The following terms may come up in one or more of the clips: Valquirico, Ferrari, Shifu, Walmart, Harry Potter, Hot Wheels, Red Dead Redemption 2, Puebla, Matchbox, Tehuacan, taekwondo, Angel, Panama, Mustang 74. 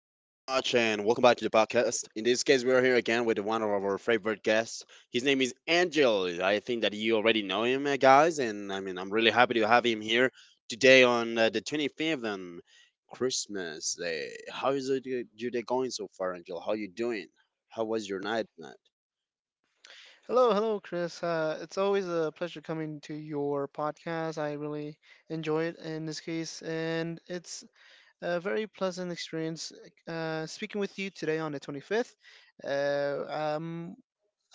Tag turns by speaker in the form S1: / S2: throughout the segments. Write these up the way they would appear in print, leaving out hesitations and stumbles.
S1: and welcome back to the podcast. In this case, we are here again with one of our favorite guests. His name is Angel. I think that you already know him, guys, and I mean, I'm really happy to have him here today on the 25th on Christmas Day. How is it, your day going so far, Angel? How you doing? How was your night? Matt?
S2: Hello, hello, Chris. It's always a pleasure coming to your podcast. I really enjoy it in this case, and it's a very pleasant experience speaking with you today on the 25th. Uh, um,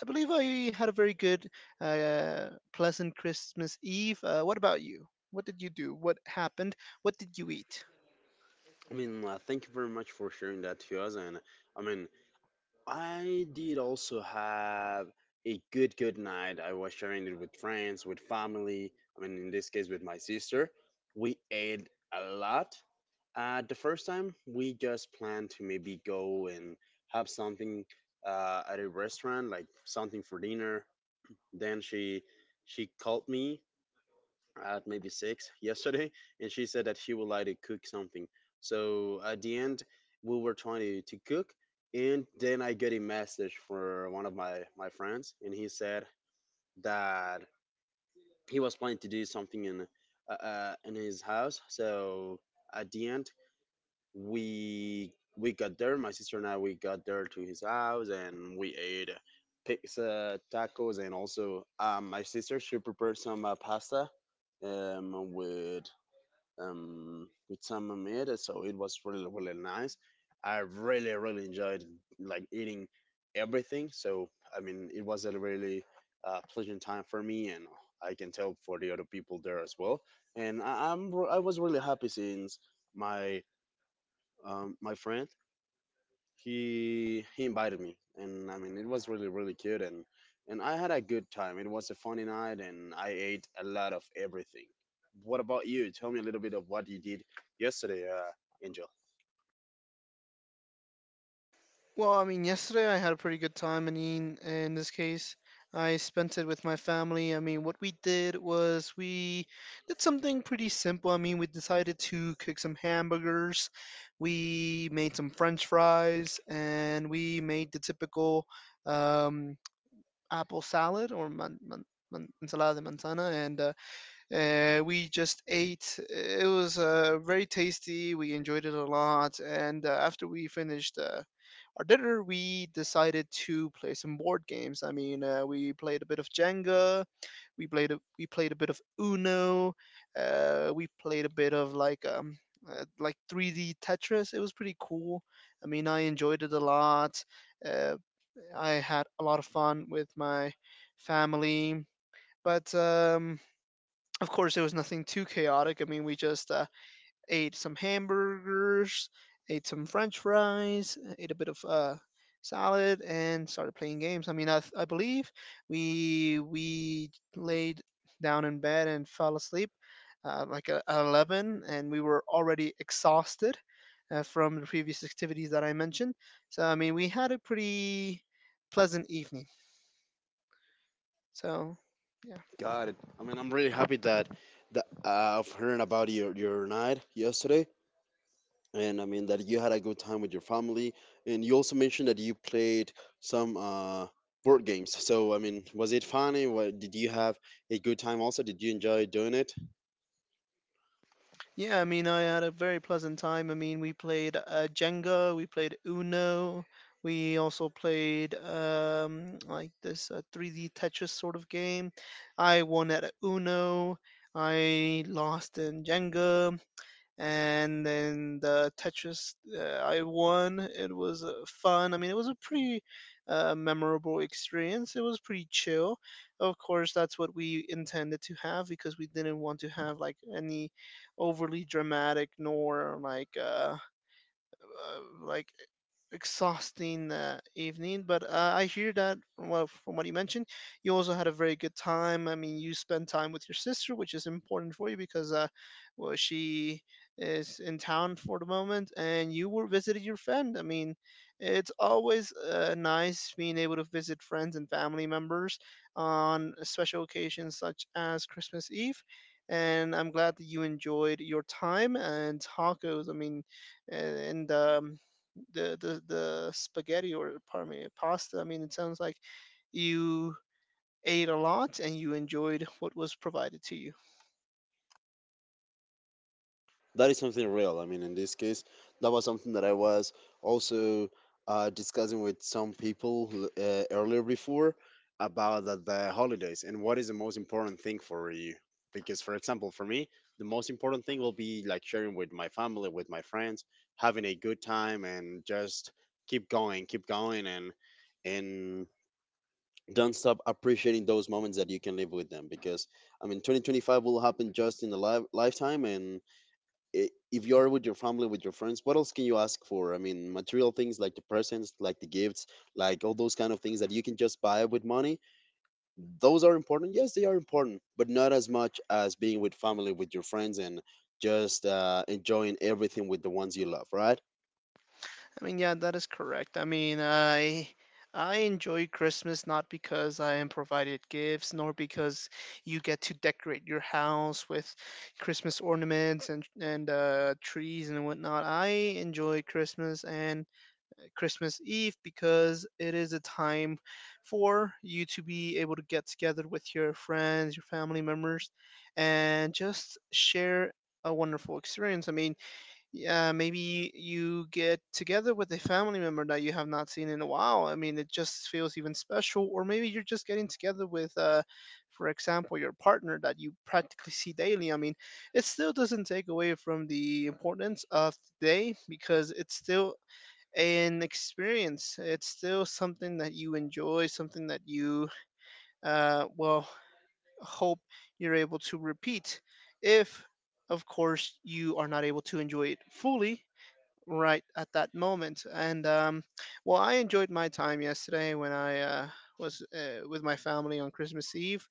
S2: I believe I had a very good, pleasant Christmas Eve. What about you? What did you do? What happened? What did you eat?
S1: I mean, thank you very much for sharing that to us, and I mean. I did also have a good night. I was sharing it with friends, with family. I mean, in this case, with my sister. We ate a lot. The first time, we just planned to maybe go and have something at a restaurant, like something for dinner. Then she called me at maybe six yesterday, and she said that she would like to cook something. So at the end, we were trying to cook, and then I got a message for one of my friends, and he said that he was planning to do something in his house. So at the end, we got there. My sister and I we got there to his house, and we ate pizza, tacos, and also my sister she prepared some pasta um, with with some meat. So it was really, really nice. I really, really enjoyed like eating everything. So I mean, it was a really pleasant time for me, and I can tell for the other people there as well. And I was really happy since my my friend he invited me, and I mean it was really, really cute, and I had a good time. It was a funny night, and I ate a lot of everything. What about you? Tell me a little bit of what you did yesterday, Angel.
S2: Well, I mean, yesterday I had a pretty good time. I mean, in this case, I spent it with my family. I mean, what we did was we did something pretty simple. I mean, we decided to cook some hamburgers, we made some french fries, and we made the typical um, apple salad or ensalada de manzana. And We just ate. It was very tasty. We enjoyed it a lot. And after we finished, our dinner, we decided to play some board games. I mean, we played a bit of Jenga, we played a bit of Uno, we played a bit of like 3D Tetris. It was pretty cool. I mean, I enjoyed it a lot. Uh, I had a lot of fun with my family, but of course, it was nothing too chaotic. I mean, we just ate some hamburgers, ate some French fries, ate a bit of salad, and started playing games. I mean, I believe we laid down in bed and fell asleep like at 11, and we were already exhausted from the previous activities that I mentioned. So I mean, we had a pretty pleasant evening. So yeah.
S1: Got it. I mean, I'm really happy that I've heard about your night yesterday, and I mean that you had a good time with your family, and you also mentioned that you played some board games. So I mean, was it fun? And What, did you have a good time? Also, did you enjoy doing it?
S2: Yeah, I mean, I had a very pleasant time. I mean, we played Jenga, we played Uno, we also played like this 3D Tetris sort of game. I won at Uno, I lost in Jenga, and then the Tetris I won. It was fun. I mean, it was a pretty memorable experience. It was pretty chill. Of course, that's what we intended to have because we didn't want to have like any overly dramatic nor like exhausting evening, but I hear that from what you mentioned, you also had a very good time. I mean, you spent time with your sister, which is important for you because well, she is in town for the moment, and you were visiting your friend. I mean, it's always nice being able to visit friends and family members on special occasions such as Christmas Eve. And I'm glad that you enjoyed your time and tacos. I mean, and the spaghetti or parme pasta. I mean, it sounds like you ate a lot and you enjoyed what was provided to you.
S1: That is something real. I mean, in this case, that was something that I was also discussing with some people earlier before about the holidays and what is the most important thing for you. Because, for example, for me, the most important thing will be like sharing with my family, with my friends, having a good time, and just keep going, and don't stop appreciating those moments that you can live with them. Because I mean, 2025 will happen just in the lifetime, and if you are with your family, with your friends, what else can you ask for? I mean, material things like the presents, like the gifts, like all those kind of things that you can just buy with money. Those are important. Yes, they are important, but not as much as being with family, with your friends, and just enjoying everything with the ones you love, right?
S2: I mean, yeah, that is correct. I mean, I enjoy Christmas not because I am provided gifts, nor because you get to decorate your house with Christmas ornaments and trees and whatnot. I enjoy Christmas and Christmas Eve because it is a time for you to be able to get together with your friends, your family members, and just share a wonderful experience. I mean, yeah, maybe you get together with a family member that you have not seen in a while. I mean, it just feels even special. Or maybe you're just getting together with, for example, your partner that you practically see daily. I mean, it still doesn't take away from the importance of the day because it's still an experience. It's still something that you enjoy, something that you, uh, well, hope you're able to repeat. If, of course, you are not able to enjoy it fully right at that moment. I enjoyed my time yesterday when I was with my family on Christmas Eve.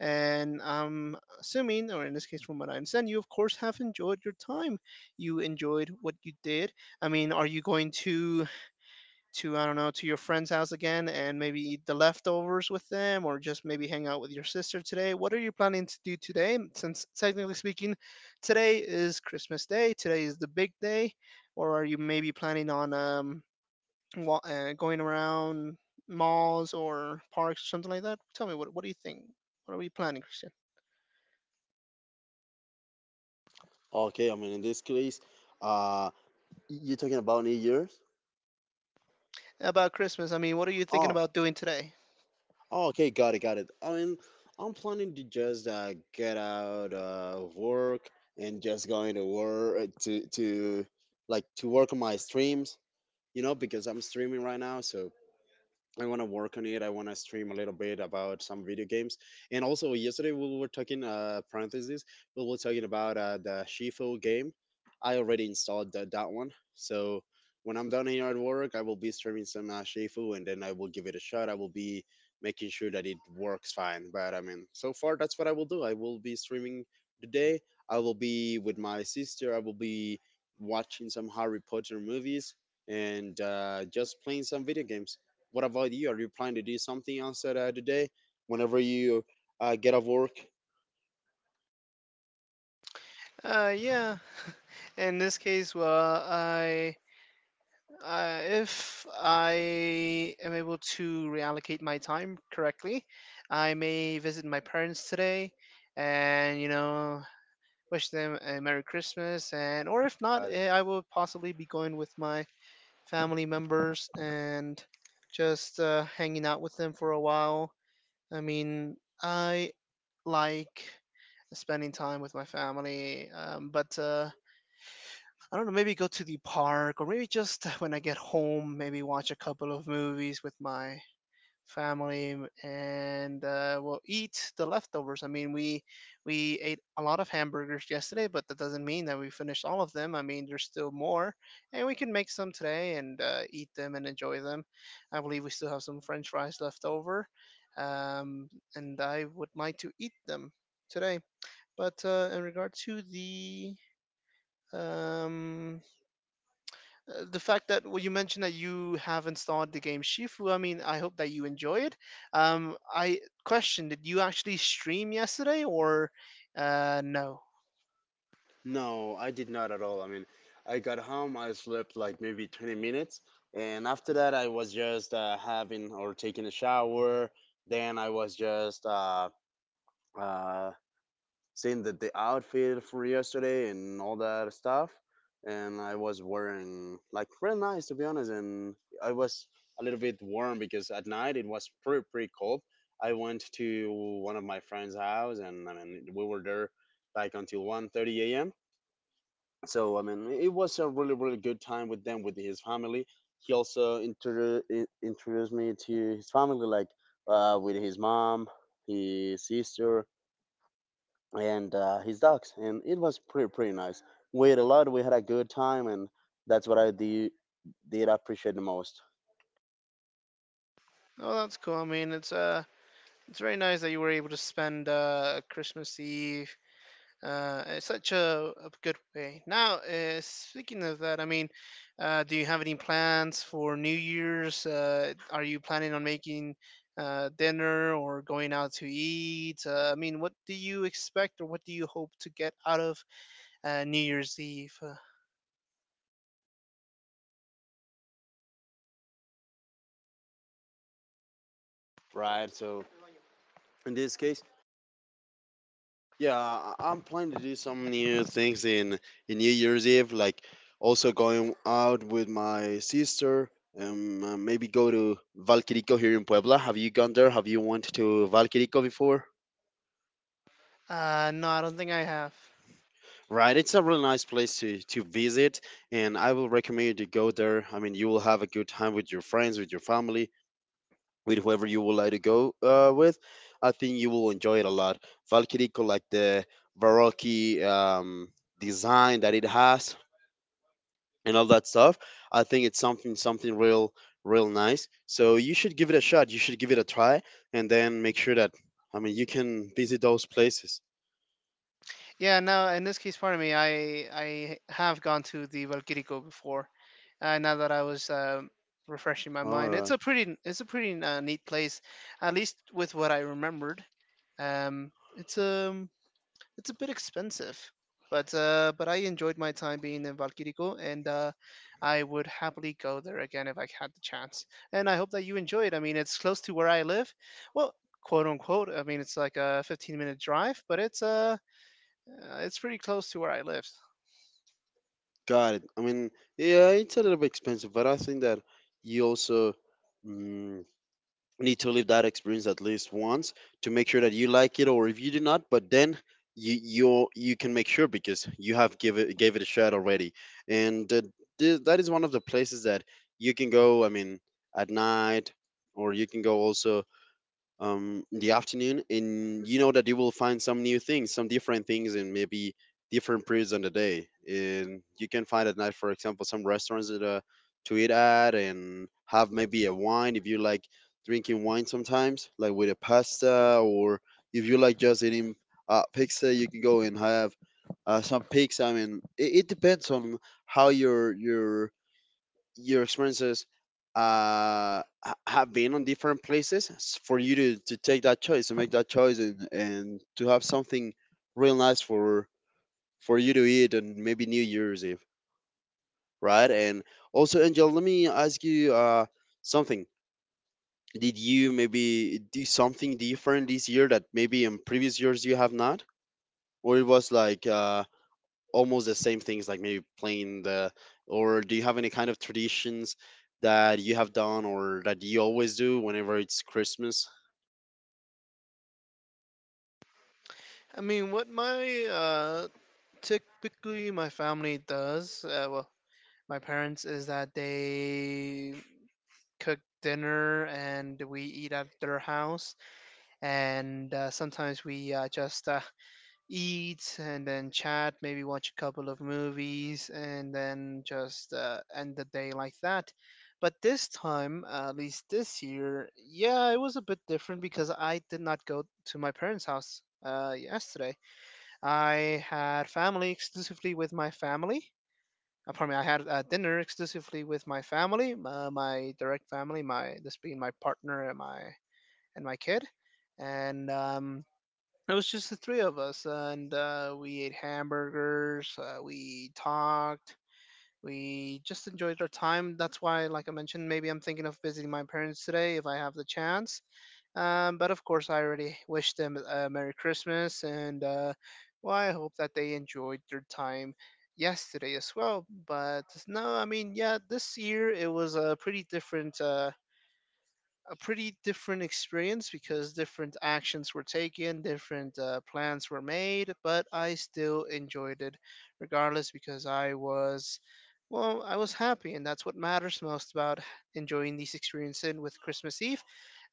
S2: And I'm assuming, or in this case, from what I understand, you, of course, have enjoyed your time. You enjoyed what you did. I mean, are you going to I don't know to your friend's house again and maybe eat the leftovers with them or just maybe hang out with your sister today. What are you planning to do today? Since technically speaking, today is Christmas Day. Today is the big day. Or are you maybe planning on going around malls or parks or something like that? Tell me what do you think? What are we planning, Christian?
S1: Okay, I mean, in this case, uh, you're talking about New Year's.
S2: About Christmas, I mean, what are you thinking
S1: Oh,
S2: about doing today?
S1: oh, okay, got it, got it. I mean, I'm planning to just get out of work and just going to work to like to work on my streams, you know, because I'm streaming right now, so I want to work on it. I want to stream a little bit about some video games. And also, yesterday we were talking, parentheses, we were talking about the Shifu game. I already installed that one. So when I'm done here at work, I will be streaming some Shifu, and then I will give it a shot. I will be making sure that it works fine. But I mean, so far, that's what I will do. I will be streaming today. I will be with my sister. I will be watching some Harry Potter movies and just playing some video games. What about you? Are you planning to do something else today? Whenever you get off work?
S2: Yeah. In this case, well, I if I am able to reallocate my time correctly, I may visit my parents today, and you know, wish them a Merry Christmas. And or if not,
S1: Uh,
S2: eh, I will possibly be going with my family members and just hanging out with them for a while. I mean, I like spending time with my family, but I don't know, maybe go to the park or maybe just when I get home, maybe watch a couple of movies with my family and we'll eat the leftovers. I mean, we ate a lot of hamburgers yesterday, but that doesn't mean that we finished all of them. I mean, there's still more, and we can make some today and eat them and enjoy them. I believe we still have some French fries left over, um, and I would like to eat them today. But in regard to um, the fact that well, you mentioned that you haven't started the game Shifu, I mean, I hope that you enjoy it. I question, did you actually stream yesterday or no?
S1: no, I did not at all. I mean, I got home, I slept like maybe 20 minutes, and after that, I was just having or taking a shower. Then I was just uh, seeing that the outfit for yesterday and all that stuff. And I was wearing like real nice, to be honest. And I was a little bit warm because at night it was pretty pretty cold. I went to one of my friend's house, and I mean we were there like until 1:30 a.m. So I mean it was a really, really good time with them, with his family. He also introduced me to his family, like with his mom, his sister, and his dogs, and it was pretty pretty nice. We ate a lot. We had a good time, and that's what I do, did appreciate the most.
S2: Oh, that's cool. I mean, it's very nice that you were able to spend Christmas Eve it's such a good way. Now, speaking of that, I mean, do you have any plans for New Year's? Are you planning on making dinner or going out to eat? I mean, what do you expect or what do you hope to get out of New Year's Eve?
S1: Right. So in this case, yeah, I'm planning to do some new things in New Year's Eve, like also going out with my sister. Maybe go to Valquirico here in Puebla. Have you gone there? Have you went to Valquirico before?
S2: No, I don't think I have.
S1: Right, it's a really nice place to visit, and I will recommend you to go there. I mean, you will have a good time with your friends, with your family, with whoever you would like to go with. I think you will enjoy it a lot. Valquirico, like the Baroque design that it has and all that stuff, I think it's something real real nice. So you should give it a shot. You should give it a try, and then make sure that I mean you can visit those places.
S2: Yeah, now in this case, pardon me, I have gone to the Valquirico before. Now that I was refreshing my
S1: All
S2: mind,
S1: right.
S2: it's a pretty neat place, at least with what I remembered. Um, it's um it's a bit expensive, but I enjoyed my time being in Valquirico, and I would happily go there again if I had the chance. And I hope that you enjoy it. I mean, it's close to where I live. Well, quote unquote. I mean, it's like a 15-minute minute drive, but it's pretty close to where I live.
S1: Got it. I mean, yeah, it's a little bit expensive, but I think that you also mm, need to live that experience at least once to make sure that you like it, or if you do not, but then you can make sure because you have give it gave it a shot already, and that is one of the places that you can go. I mean, at night, or you can go also in the afternoon, and you know that you will find some new things, some different things, and maybe different periods on the day. And you can find at night, for example, some restaurants that, to eat at and have maybe a wine if you like drinking wine sometimes, like with a pasta, or if you like just eating pizza, you can go and have some pizza. I mean, it depends on how your experiences uh, have been on different places for you to take that choice to make that choice, and to have something real nice for you to eat, and maybe New Year's Eve, right? And also, Angel, let me ask you something. Did you maybe do something different this year that maybe in previous years you have not, or it was like almost the same things, like maybe playing the, or do you have any kind of traditions that you have done or that you always do whenever it's Christmas?
S2: I mean, what my typically my family does, my parents is that they cook dinner and we eat at their house, and sometimes we just eat and then chat, maybe watch a couple of movies, and then just end the day like that. But this time, at least this year, yeah, it was a bit different because I did not go to my parents' house yesterday. I had family exclusively with my family. Pardon me, I had dinner exclusively with my family, my direct family, my this being my partner and my kid, and it was just the three of us, and we ate hamburgers. We talked. We just enjoyed our time. That's why, like I mentioned, maybe I'm thinking of visiting my parents today if I have the chance. But of course, I already wished them a Merry Christmas, and well, I hope that they enjoyed their time yesterday as well. But no, I mean, yeah, this year it was a pretty different. A pretty different experience because different actions were taken, different plans were made, but I still enjoyed it regardless because I was, well, I was happy, and that's what matters most about enjoying these experiences with Christmas Eve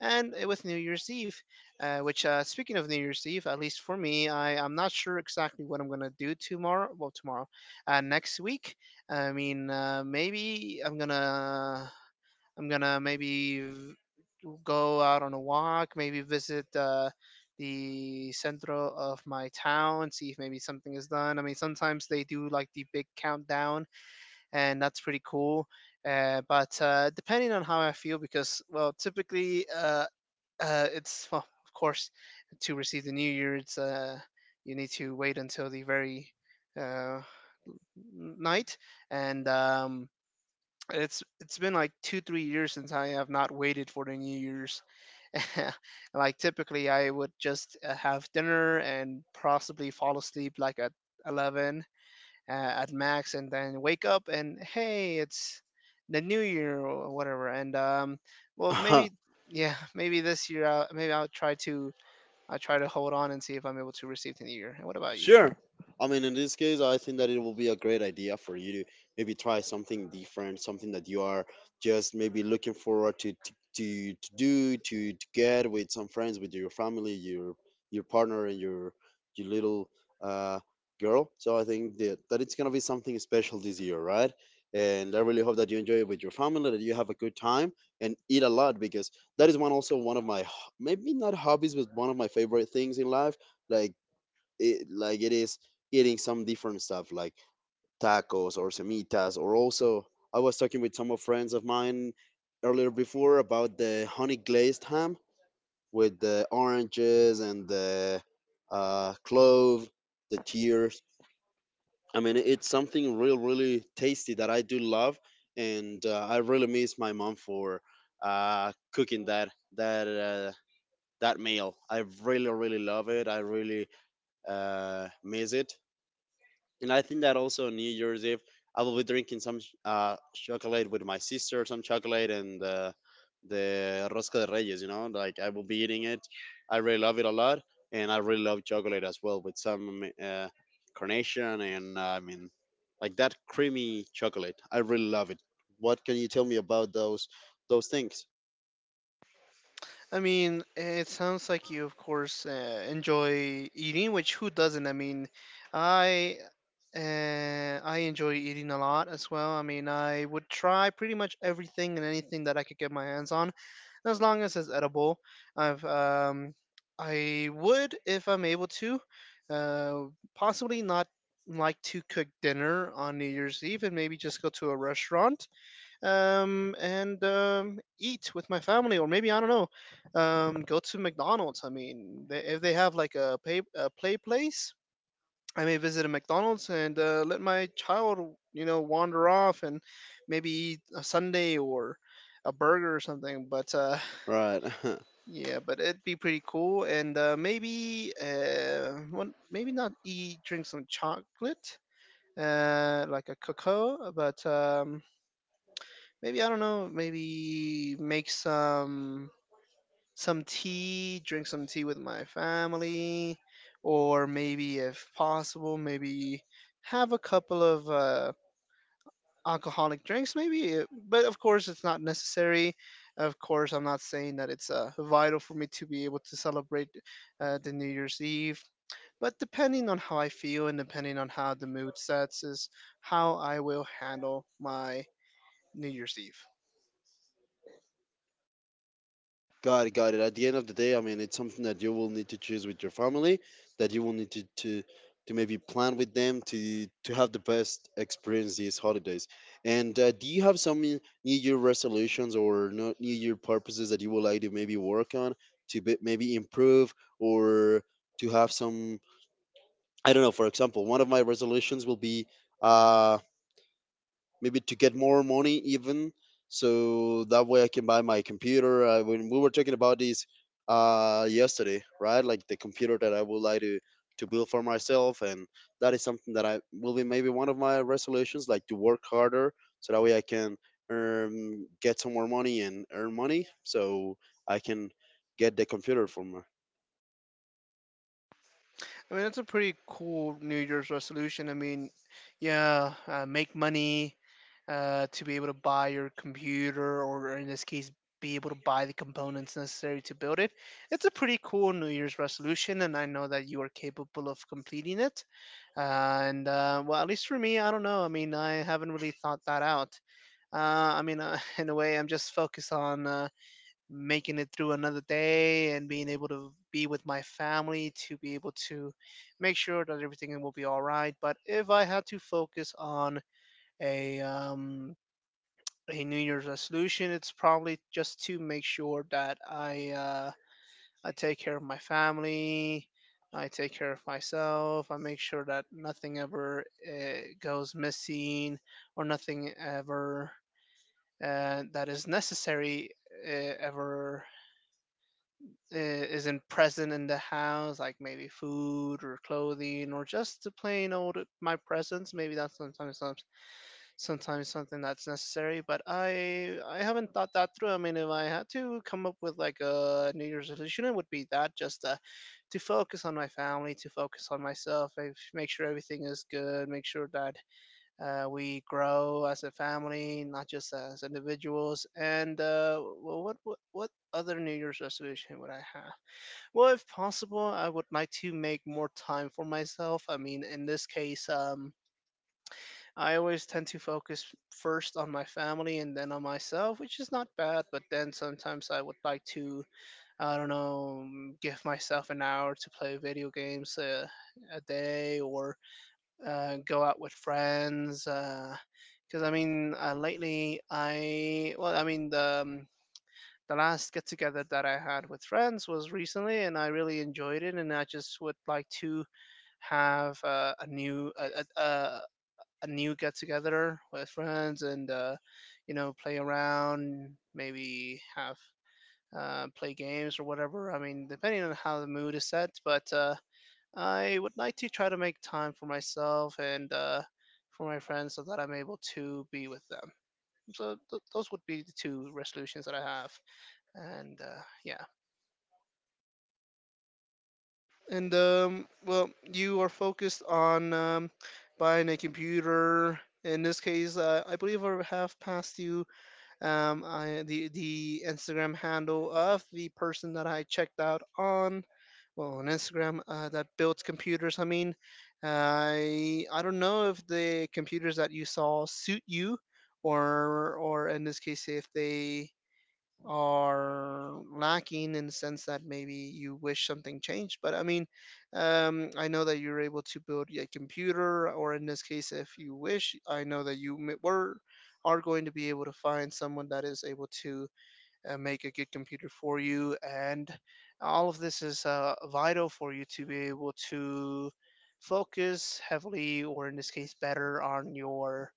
S2: and with New Year's Eve. Speaking of New Year's Eve, at least for me, I'm not sure exactly what I'm going to do tomorrow, well, tomorrow, next week. I mean, maybe I'm going to. I'm gonna go out on a walk, maybe visit the central of my town, see if maybe something is done. I mean, sometimes they do like the big countdown, and that's pretty cool. But depending on how I feel, because well, typically it's well, of course, to receive the New Year, it's you need to wait until the very uh, night, and it's been like 2 3 years since I have not waited for the New Year's. Like typically, I would just have dinner and possibly fall asleep like at 11 at max, and then wake up and hey, it's the new year or whatever. And Well, maybe yeah, maybe this year, maybe I'll try to hold on and see if I'm able to receive the new year. And what about you?
S1: Sure. I mean, in this case, I think that it will be a great idea for you to maybe try something different, something that you are just maybe looking forward to do, to get with some friends, with your family, your partner, and your little uh, girl. So I think that, that it's gonna be something special this year, right? And I really hope that you enjoy it with your family, that you have a good time, and eat a lot because that is one also one of my maybe not hobbies, but one of my favorite things in life. Like like it is eating some different stuff like tacos or semitas, or also I was talking with some of friends of mine earlier before about the honey glazed ham with the oranges and the clove, the tears. I mean, it's something real, really tasty that I do love, and I really miss my mom for cooking that uh, that meal. I really, really love it. I really miss it. And I think that also on New Year's Eve, I will be drinking some chocolate with my sister, some chocolate and the rosca de reyes. You know, like I will be eating it. I really love it a lot, and I really love chocolate as well with some carnation and like that creamy chocolate. I really love it. What can you tell me about those things?
S2: I mean, it sounds like you, of course, enjoy eating, which who doesn't? I mean, I I enjoy eating a lot as well. I mean, I would try pretty much everything and anything that I could get my hands on, as long as it's edible. I've um, I would, if I'm able to, uh, possibly not like to cook dinner on New Year's Eve and maybe just go to a restaurant and eat with my family, or maybe I don't know, go to McDonald's. I mean, they, if they have like a play place, I may visit a McDonald's and let my child, you know, wander off and maybe eat a sundae or a burger or something. But
S1: Right.
S2: yeah, but it'd be pretty cool, and maybe well, maybe not eat, drink some chocolate. Like a cocoa, but maybe I don't know. Maybe make some tea, drink some tea with my family, or maybe if possible, maybe have a couple of alcoholic drinks. Maybe. But of course, it's not necessary. Of course, I'm not saying that it's vital for me to be able to celebrate the New Year's Eve. But depending on how I feel and depending on how the mood sets, is how I will handle my New Year's Eve.
S1: Got it, got it. At the end of the day, I mean, it's something that you will need to choose with your family, that you will need to maybe plan with them to have the best experience these holidays. And do you have some New Year resolutions or no, New Year purposes that you would like to maybe work on to be, maybe improve or to have some? I don't know. For example, one of my resolutions will be. Uh, Maybe to get more money even so that way I can buy my computer when we were talking about this yesterday, right? Like the computer that I would like to build for myself, and that is something that I will be, maybe one of my resolutions, like to work harder so that way I can get some more money and earn money so I can get the computer for my.
S2: I mean, that's a pretty cool New Year's resolution. I mean, yeah, make money to be able to buy your computer, or in this case, be able to buy the components necessary to build it. It's a pretty cool New Year's resolution, and I know that you are capable of completing it. Uh, and well, at least for me, I don't know. I mean, I haven't really thought that out. Uh, in a way, I'm just focused on. Making it through another day and being able to be with my family to be able to make sure that everything will be all right. But if I had to focus on a um, a New Year's resolution, it's probably just to make sure that I take care of my family. I take care of myself. I make sure that nothing ever goes missing or nothing ever that is necessary ever isn't present in the house, like maybe food or clothing or just the plain old my presence. Maybe that's sometimes something that's necessary, but I haven't thought that through. I mean, if I had to come up with like a New Year's resolution, it would be that just to focus on my family, to focus on myself, and make sure everything is good, make sure that we grow as a family, not just as individuals. And what other New Year's resolution would I have? Well, if possible, I would like to make more time for myself. I mean, in this case, I always tend to focus first on my family and then on myself, which is not bad. But then sometimes I would like to, I don't know, give myself an hour to play video games a day or go out with friends. Because I mean, lately I, well, I mean, the last get together that I had with friends was recently, and I really enjoyed it. And I just would like to have a, a a new get together with friends, and you know, play around, maybe have play games or whatever. I mean, depending on how the mood is set, but I would like to try to make time for myself and for my friends so that I'm able to be with them. So those would be the two resolutions that I have, and yeah. And Well, you are focused on buying a computer. In this case, I believe I have passed you the Instagram handle of the person that I checked out on, well, on Instagram that builds computers. I mean, I don't know if the computers that you saw suit you, or in this case, if they are lacking in the sense that maybe you wish something changed. But I mean, I know that you're able to build a computer, or in this case, if you wish, I know that you m- were are going to be able to find someone that is able to make a good computer for you, and all of this is vital for you to be able to focus heavily, or in this case, better on your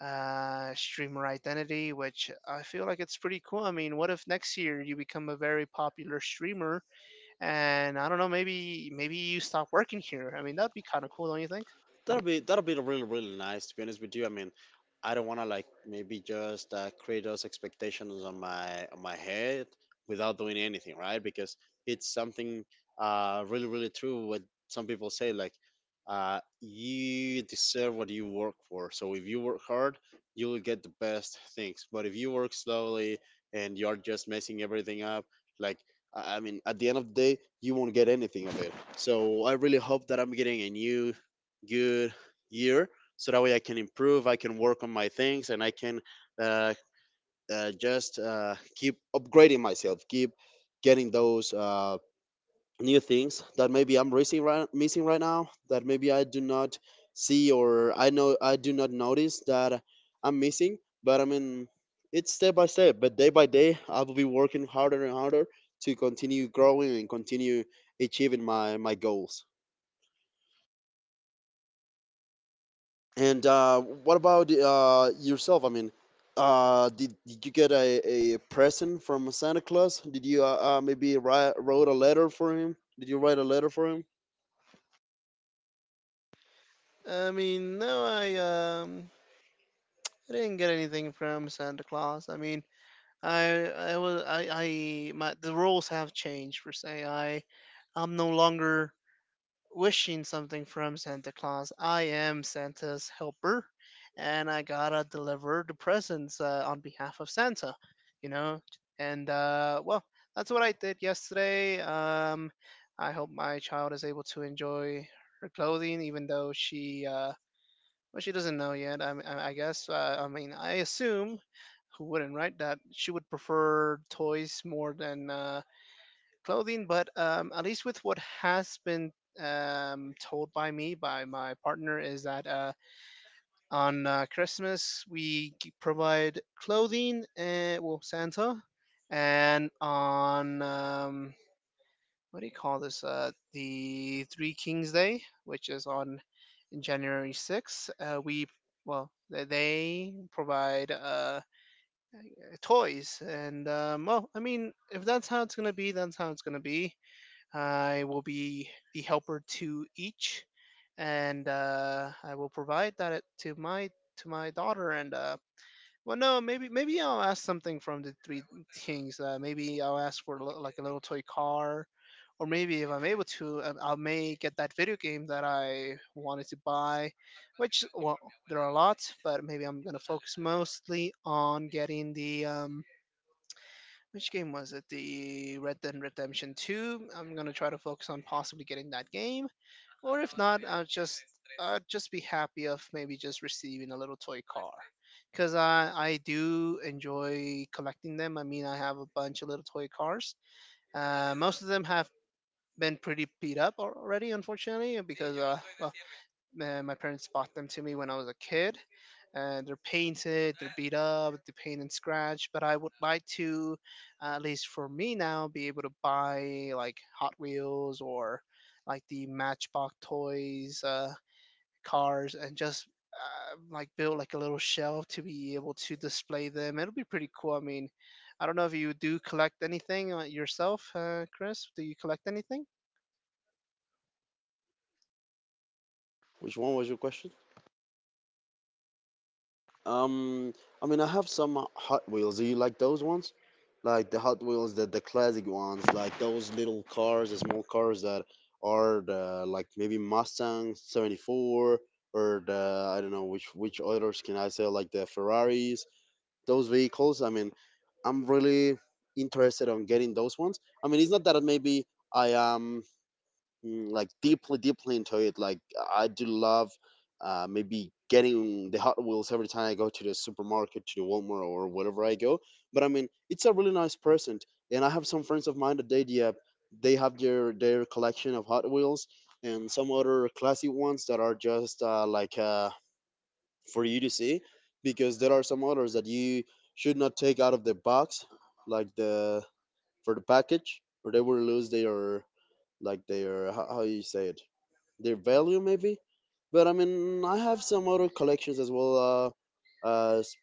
S2: streamer identity, which I feel like it's pretty cool. I mean, what if next year you become a very popular streamer, and I don't know, maybe you stop working here. I mean, that'd be kind of cool, don't you think?
S1: That'll be, that'll be really, really nice, to be honest with you. I mean, I don't want to like maybe just create those expectations on my, on my head without doing anything, right? Because it's something really, really true what some people say, like you deserve what you work for. So if you work hard, you will get the best things. But if you work slowly and you're just messing everything up, like I mean, at the end of the day, you won't get anything of it. So I really hope that I'm getting a new good year so that way I can improve, I can work on my things, and I can uh, just keep upgrading myself, keep getting those new things that maybe I'm missing right now, that maybe I do not see, or I know I do not notice that I'm missing. But I mean, it's step by step, but day by day I will be working harder and harder to continue growing and continue achieving my goals. And what about yourself? I mean, did you get a present from Santa Claus? Did you maybe wrote a letter for him? Did you write a letter for him?
S2: I mean, no, I didn't get anything from Santa Claus. I mean, I was I my the rules have changed per se. I'm no longer wishing something from Santa Claus. I am Santa's helper, and I gotta deliver the presents on behalf of Santa, you know? And, well, that's what I did yesterday. I hope my child is able to enjoy her clothing, even though she, well, she doesn't know yet, I guess. I mean, I assume, who wouldn't, right, that she would prefer toys more than, clothing, but at least with what has been told by me by my partner is that on Christmas we provide clothing and well Santa, and on what do you call this? The Three Kings Day, which is on January 6th, we well they provide toys and well I mean if that's how it's gonna be, that's how it's gonna be. I will be the helper to each, and I will provide that to my to my daughter. And well, no, maybe I'll ask something from the Three Kings. Maybe I'll ask for like a little toy car, or maybe if I'm able to, I may get that video game that I wanted to buy. Which well, there are lots, but maybe I'm gonna focus mostly on getting the which game was it? The Red Dead Redemption 2. I'm gonna try to focus on possibly getting that game, or if not, I'll just be happy of maybe just receiving a little toy car, because I do enjoy collecting them. I mean, I have a bunch of little toy cars. Most of them have been pretty beat up already, unfortunately, because my parents bought them to me when I was a kid. They're painted, they're beat up, they're paint and scratch. But I would like to, at least for me now, be able to buy like Hot Wheels or like the Matchbox toys, cars, and just like build like a little shelf to be able to display them. It'll be pretty cool. I mean, I don't know if you do collect anything yourself, Chris. Do you collect anything?
S1: Which one was your question? Um, I mean, I have some Hot Wheels. Do you like those ones? Like the Hot Wheels, the classic ones, like those little cars, the small cars that are like maybe Mustang 74, or the, I don't know which others can I say, like the Ferraris, those vehicles. I mean, I'm really interested on getting those ones. I mean, it's not that maybe I am, mm, like deeply, deeply into it. Like I do love, maybe getting the Hot Wheels every time I go to the supermarket, to the Walmart, or wherever I go. But I mean, it's a really nice present, and I have some friends of mine that, they, yeah, they have their collection of Hot Wheels and some other classy ones that are just for you to see, because there are some others that you should not take out of the box, like the, for the package, or they will lose their, like their, how you say it, their value, maybe. But I mean, I have some other collections as well. Uh, uh, s-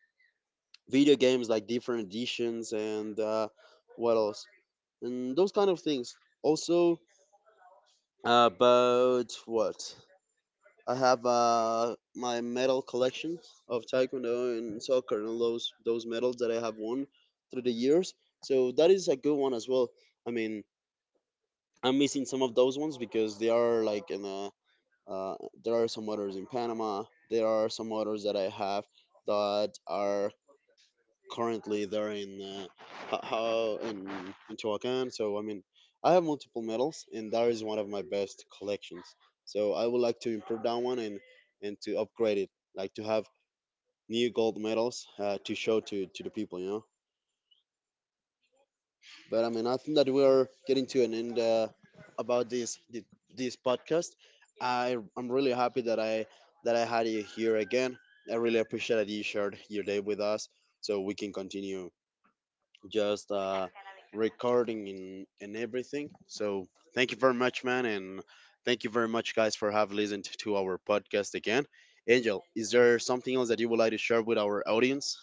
S1: Video games, like different editions, and what else, and those kind of things. Also, about what I have, my medal collection of taekwondo and soccer, and those medals that I have won through the years. So that is a good one as well. I mean, I'm missing some of those ones because they are like in a, uh, there are some others in Panama. There are some others that I have, that are currently there in uh, ho- ho- in in Tehuacan. So I mean, I have multiple medals, and that is one of my best collections. So I would like to improve that one and to upgrade it, like to have new gold medals to show to the people, you know. But I mean, I think that we're getting to an end about this thi- this podcast. I'm really happy that I had you here again. I really appreciate that you shared your day with us, so we can continue just recording, and everything. So thank you very much, man, and thank you very much, guys, for have listened to our podcast again. Angel, is there something else that you would like to share with our audience?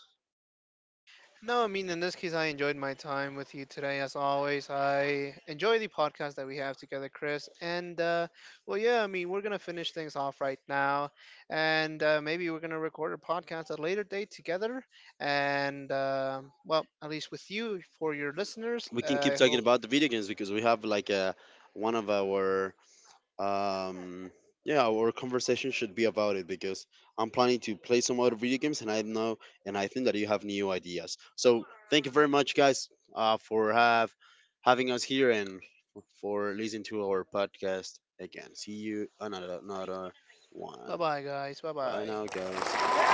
S2: No, I mean, in this case, I enjoyed my time with you today, as always. I enjoy the podcast that we have together, Chris. Well, yeah, I mean, we're going to finish things off right now. And maybe we're going to record a podcast at a later date together. And, well, at least with you, for your listeners,
S1: We can keep
S2: I
S1: talking
S2: hope.
S1: about the video games, because we have like a, one of our, um, yeah, our conversation should be about it, because I'm planning to play some other video games, and I know, and I think that you have new ideas. So thank you very much, guys, for have having us here, and for listening to our podcast again. See you on another
S2: Bye
S1: one.
S2: bye, guys. Bye
S1: Bye now,
S2: bye.
S1: guys.